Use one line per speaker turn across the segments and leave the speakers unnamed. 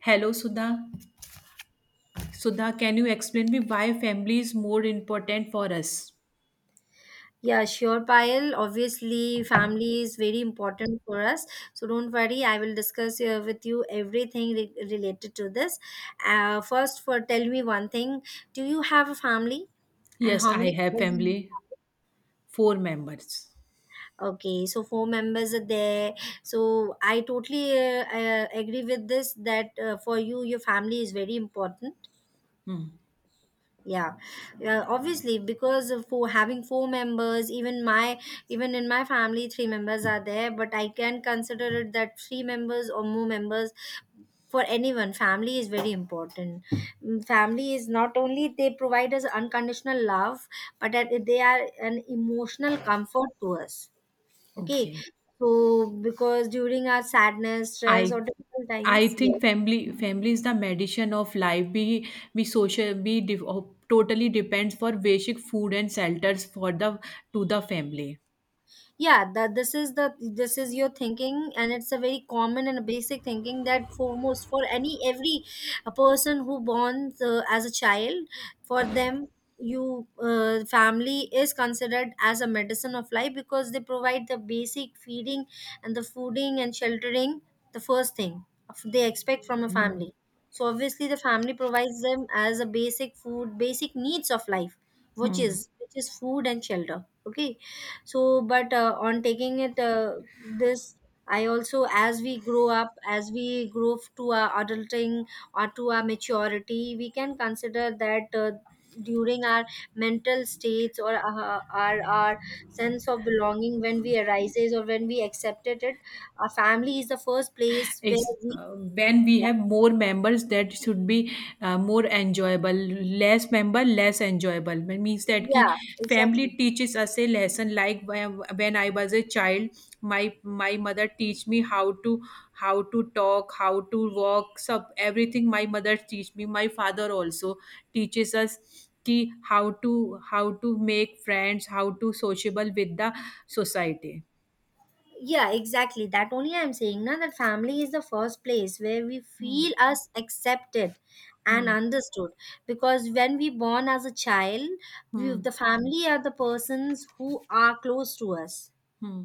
Hello, Sudha. Sudha, can you explain me why family is more important for us?
Yeah, sure, Payal. Obviously, family is very important for us. So don't worry, I will discuss with you everything related to this. First, for tell me one thing. Do you have a family, and
Yes,
how
I
many
have
members? In-
family, four members.
Okay, so four members are there. So I totally agree with this that for you, your family is very important.
Hmm.
Yeah, yeah, obviously because of for having four members, even in my family, three members are there. But I can consider it that three members or more members for anyone. Family is very important. Mm, family is not only they provide us unconditional love, but that they are an emotional comfort to us. Okay,
Okay.
so because during our sadness, stress,
I
or difficult
I
times, yes,
think family is the medicine of life. We social we de- totally depends for basic food and shelters for the family.
yeah that this is your thinking and it's a very common and a basic thinking that foremost for any every a person who born as a child for them you family is considered as a medicine of life because they provide the basic feeding and the fooding and sheltering the first thing they expect from a
Hmm.
family. So obviously the family provides them as a basic food, basic needs of life,
Hmm.
which is food and shelter. Okay, so but on taking it this I also as we grow up, as we to our adulting or to our maturity, we can consider that during our mental states or our sense of belonging when we arises or when we accepted it, our family is the first place where
It's
we
when we
yeah
have more members that should be more enjoyable. Less member, less enjoyable. It means that ki
yeah
family
exactly.
teaches us a lesson. Like when I was a child, my mother teach me how to talk, how to walk, sub everything. My mother teach me. My father also teaches us ki how to make friends, how to sociable with the society.
Yeah, exactly. That only I'm saying now that family is the first place where we
Hmm.
feel us accepted and
Hmm.
understood. Because when we born as a child, we,
Hmm.
the family are the persons who are close to us.
Hmm.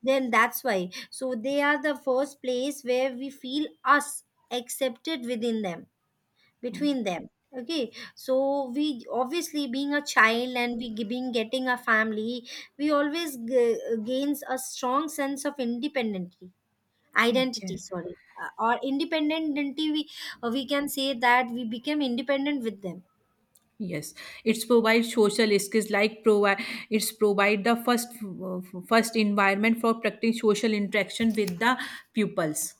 Then that's why. So they are the first place where we feel us accepted within them, between them. Okay, so we obviously being a child and we being getting a family, we always gains a strong sense of independently identity,
Okay.
sorry, or independent identity. We we can say that we became independent with them.
Yes, it's provide social skills, like provide, it's provide the first environment for practicing social interaction with the pupils.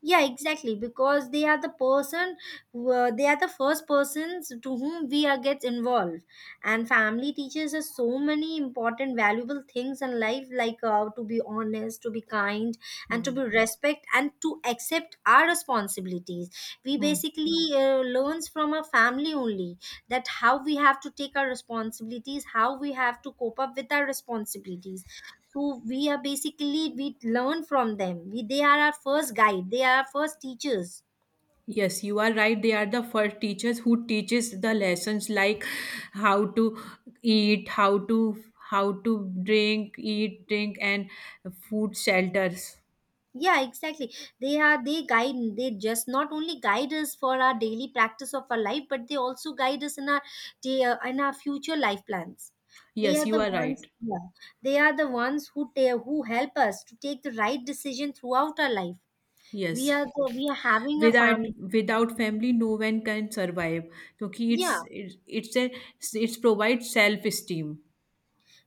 Yeah exactly, because they are the person who, they are the first persons to whom we are gets involved, and family teaches us so many important valuable things in life, like to be honest, to be kind, and to
Hmm.
be respect, and to accept our responsibilities. We
Hmm.
basically learns from our family only, that how we have to take our responsibilities, how we have to cope up with our responsibilities. So we are basically we learn from them. We they are our first guide, they are our first teachers.
Yes, you are right. They are the first teachers who teaches the lessons, like how to eat, how to drink, eat, drink, and food shelters.
Yeah exactly, they are they guide, they just not only guide us for our daily practice of our life, but they also guide us in our day in our future life plans. They
Yes,
are
you
the
are
ones,
right.
yeah, they are the ones who help us to take the right decision throughout our life. We
Yes.
are the, we are having a
without
family.
without family no one can survive. Because
Yeah.
it's a, it's provide self esteem,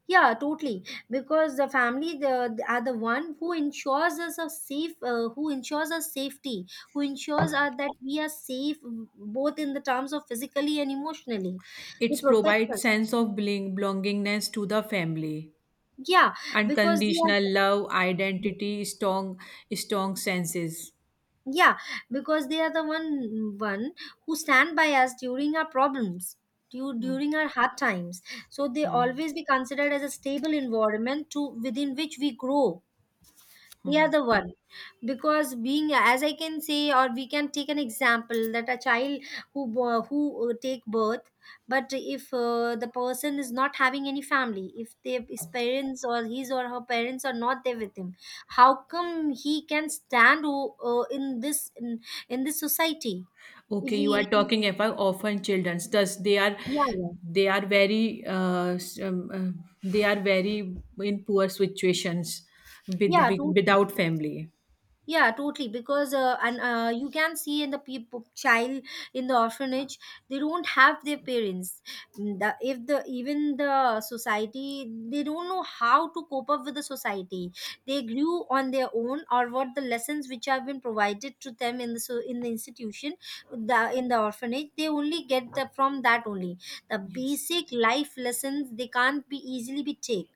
Yeah, totally. Because the family the, are the one who ensures us a safe, who ensures us safety, who ensures us that we are safe both in the terms of physically and emotionally. They
it's
protect
provide
us.
sense of belongingness to the family,
Yeah, because they
unconditional
are.
love, identity, strong senses.
Yeah, because they are the one who stand by us during our problems,
Hmm,
during our hard times. So they
hmm,
always be considered as a stable environment to within which we grow. They are
hmm.
the one. Because being as I can say, or we can take an example that a child who take birth, but if the person is not having any family, if they, his parents or his or her parents are not there with him, how come he can stand in this in this society. If
Okay, you are
he
talking about orphan children, thus they are
yeah yeah
they are very they are very in poor situations with,
yeah
with
totally.
without family.
Yeah, totally. Because and you can see in the people child in the orphanage, they don't have their parents. Mm, the, if the even the society, they don't know how to cope up with the society. They grew on their own, or what the lessons which have been provided to them in the so in the institution, the in the orphanage, they only get the, from that only the
Yes,
basic life lessons. They can't be easily be take.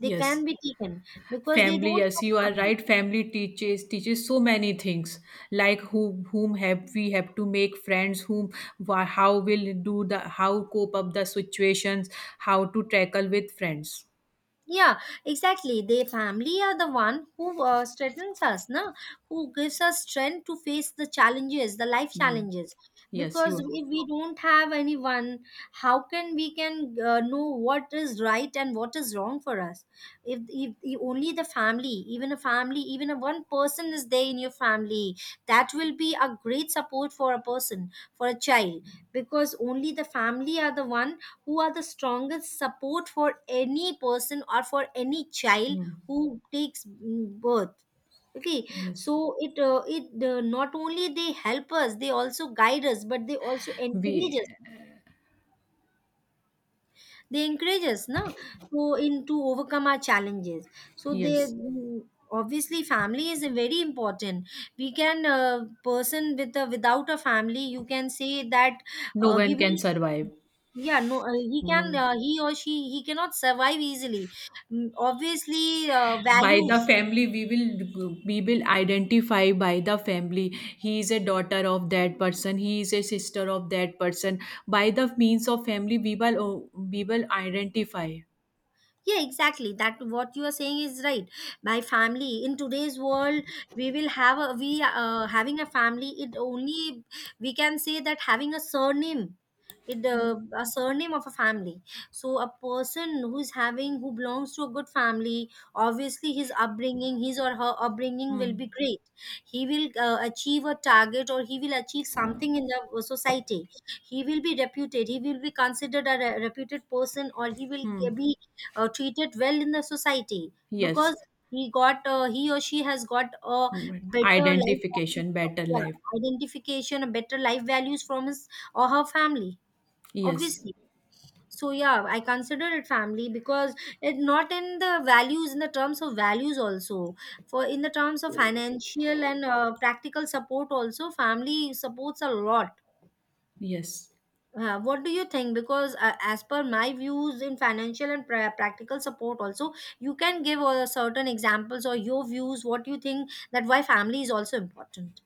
They can
yes,
be taken because they
family,
don't
yes,
have.
you are
Family.
right. Family teaches so many things, like who, whom have we have to make friends, how will do the, how cope up the situations, how to tackle with friends.
Yeah, exactly. They family are the one who strengthens us, na? Who gives us strength to face the challenges, the life
Hmm.
challenges.
Yes, you
Because
are.
if we don't have anyone, how can we can know what is right and what is wrong for us? If only the family, even a one person is there in your family, that will be a great support for a person, for a child. Because only the family are the one who are the strongest support for any person or for any child
Hmm.
who takes mm, birth. Okay,
Yes.
so it not only they help us, they also guide us, but they also encourage
We.
us. They encourage us, na, so in to overcome our challenges. So they
Yes.
obviously family is very important. We can person with a without a family, you can say that
No
he
one
will,
can survive.
yeah no he can
No.
he or she he cannot survive easily. Mm, obviously
By the
values.
family we will, identify. By the family, he is a daughter of that person, he is a sister of that person. By the means of family, we will identify.
Yeah exactly, that what you are saying is right. My family in today's world, we will have a we having a family, it only we can say that having a surname, it a surname of a family. So a person who is having who belongs to a good family, obviously his upbringing, his or her upbringing will be
Hmm.
great. He will achieve a target, or he will achieve something in the society. He will be reputed, he will be considered a reputed person, or he will be treated well in the society,
Yes.
because he got he or she has got a
Hmm.
better life value
Identification,
from,
better
yeah,
life.
identification, a better life values from his or her family,
Yes,
obviously. So yeah, I consider it family, because it not in the values, in the terms of values also, for in the terms of financial and practical support, also family supports a lot.
yes.
What do you think? Because as per my views in financial and practical support, also you can give certain examples or your views. What you think that why family is also important?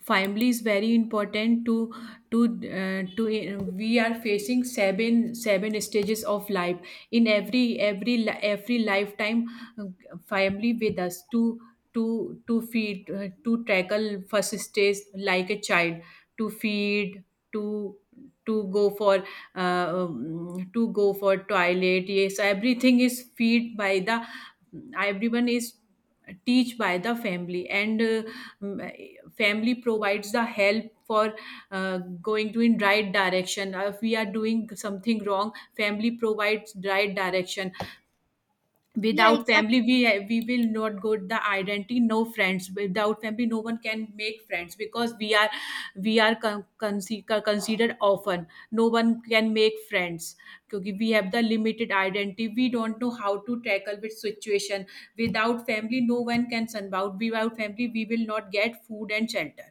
Family is very important. To to uh, to uh, we are facing seven stages of life in every lifetime. uh, family with us to feed, to tackle first stage like a child, to feed, to to go for to go for toilet. Yes, everything is feed by the, everyone is teach by the family, and family provides the help for going to in right direction. If we are doing something wrong, family provides right direction.
Yeah,
Without family,
exactly.
we will not get the identity, no friends. Without family, no one can make friends, because we are considered often. No one can make friends, because we have the limited identity. We don't know how to tackle with situation. Without family no one can survive. Without family we will not get food and shelter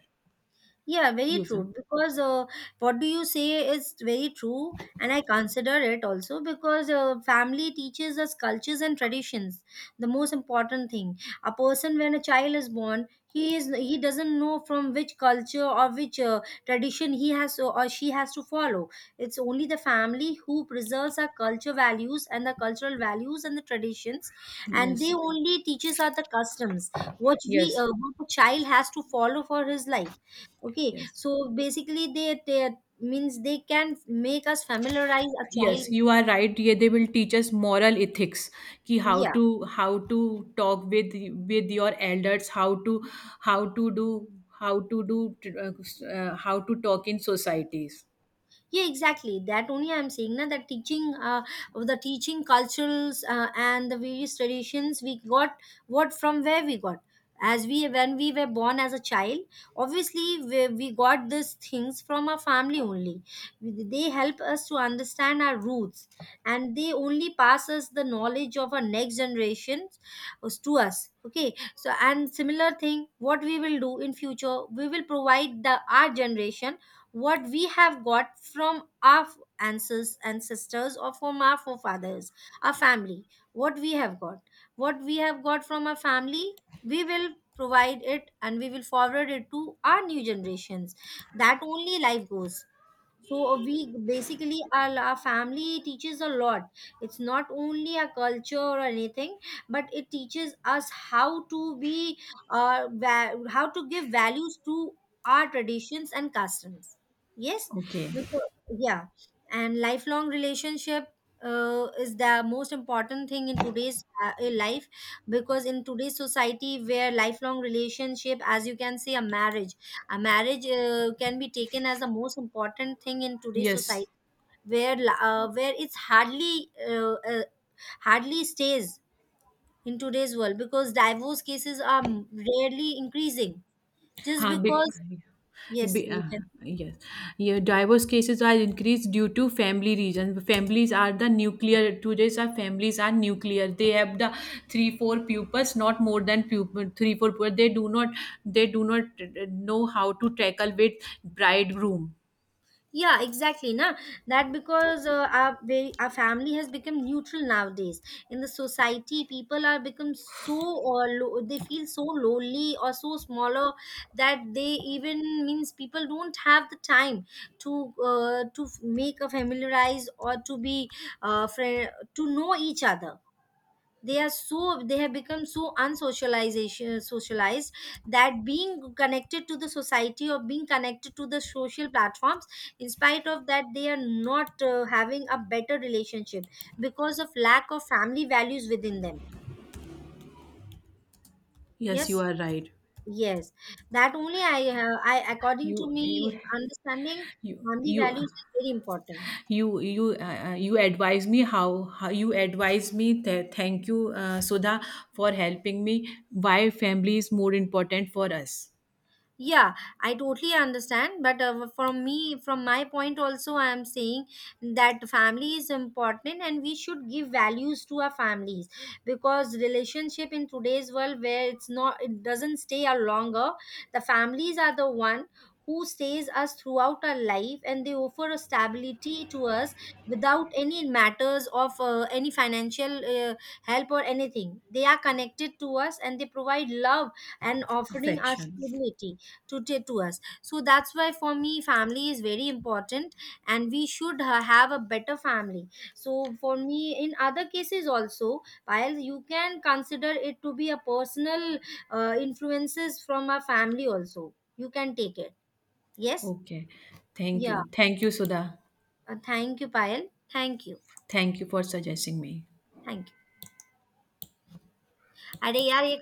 Yeah, very
user.
true. Because what do you say is very true, and I consider it also because family teaches us cultures and traditions. The most important thing, a person when a child is born, he is he doesn't know from which culture or which tradition he has to, or she has to follow. It's only the family who preserves our culture values and the cultural values and the traditions, and they
Yes,
only teaches us the customs which we
yes,
what a child has to follow for his life. Okay,
yes,
so basically they means they can make us familiarize a child.
yes. You are right. Yeah, they will teach us moral ethics, ki how
Yeah,
to how to talk with your elders, how to do how to do how to talk in societies.
yeah exactly, that only I'm saying now that teaching of the teaching cultures and the various traditions we got, what from where we got, as we when we were born as a child, obviously we got these things from our family only. They help us to understand our roots, and they only pass us the knowledge of our next generations, to us. Okay, so and similar thing what we will do in future, we will provide the our generation what we have got from our ancestors or from our forefathers, our family, what we have got what we have got from our family, we will provide it and we will forward it to our new generations. That only life goes. So we basically our family teaches a lot, it's not only a culture or anything, but it teaches us how to be how to give values to our traditions and customs, yes,
Okay.
because yeah. And lifelong relationship is the most important thing in today's life, because in today's society where lifelong relationship, as you can see, a marriage, a marriage can be taken as the most important thing in today's
Yes.
society, where where it's hardly stays in today's world, because divorce cases are rarely increasing. Just
Uh, be,
because yes,
be- uh,
you can.
yes, yeah, divorce cases are increased due to family reasons. Families are the nuclear. Today's our families are nuclear. They have the three four pupils, not more than pupil three four. Pupils. They do not know how to tackle with bridegroom.
Yeah exactly, na, that because our family has become neutral nowadays in the society. People are become so or they feel so lonely or so smaller that they even means people don't have the time to make a familiarize or to be friend to know each other. They are so they have become so unsocialization socialized, that being connected to the society or being connected to the social platforms, in spite of that they are not having a better relationship because of lack of family values within them.
Yes,
Yes,
you are right.
yes, that only I have I according to
You
me
you
understanding,
you
family
you
values is very important.
you you advise me, how you advise me. Thank you, Sudha, for helping me why family is more important for us.
Yeah, I totally understand, but from me from my point also I am saying that family is important and we should give values to our families, because relationship in today's world where it's not it doesn't stay a longer, the families are the one who stays us throughout our life, and they offer a stability to us without any matters of any financial help or anything. They are connected to us and they provide love and offering us
Affection.
stability today to us. So that's why for me family is very important, and we should have a better family. So for me in other cases also, while you can consider it to be a personal influences from a family, also you can take it. Yes.
Okay, thank you,
Yeah.
thank you, Sudha,
Thank you, Payal. Thank you.
thank you for suggesting me.
Thank you. अरे यार ये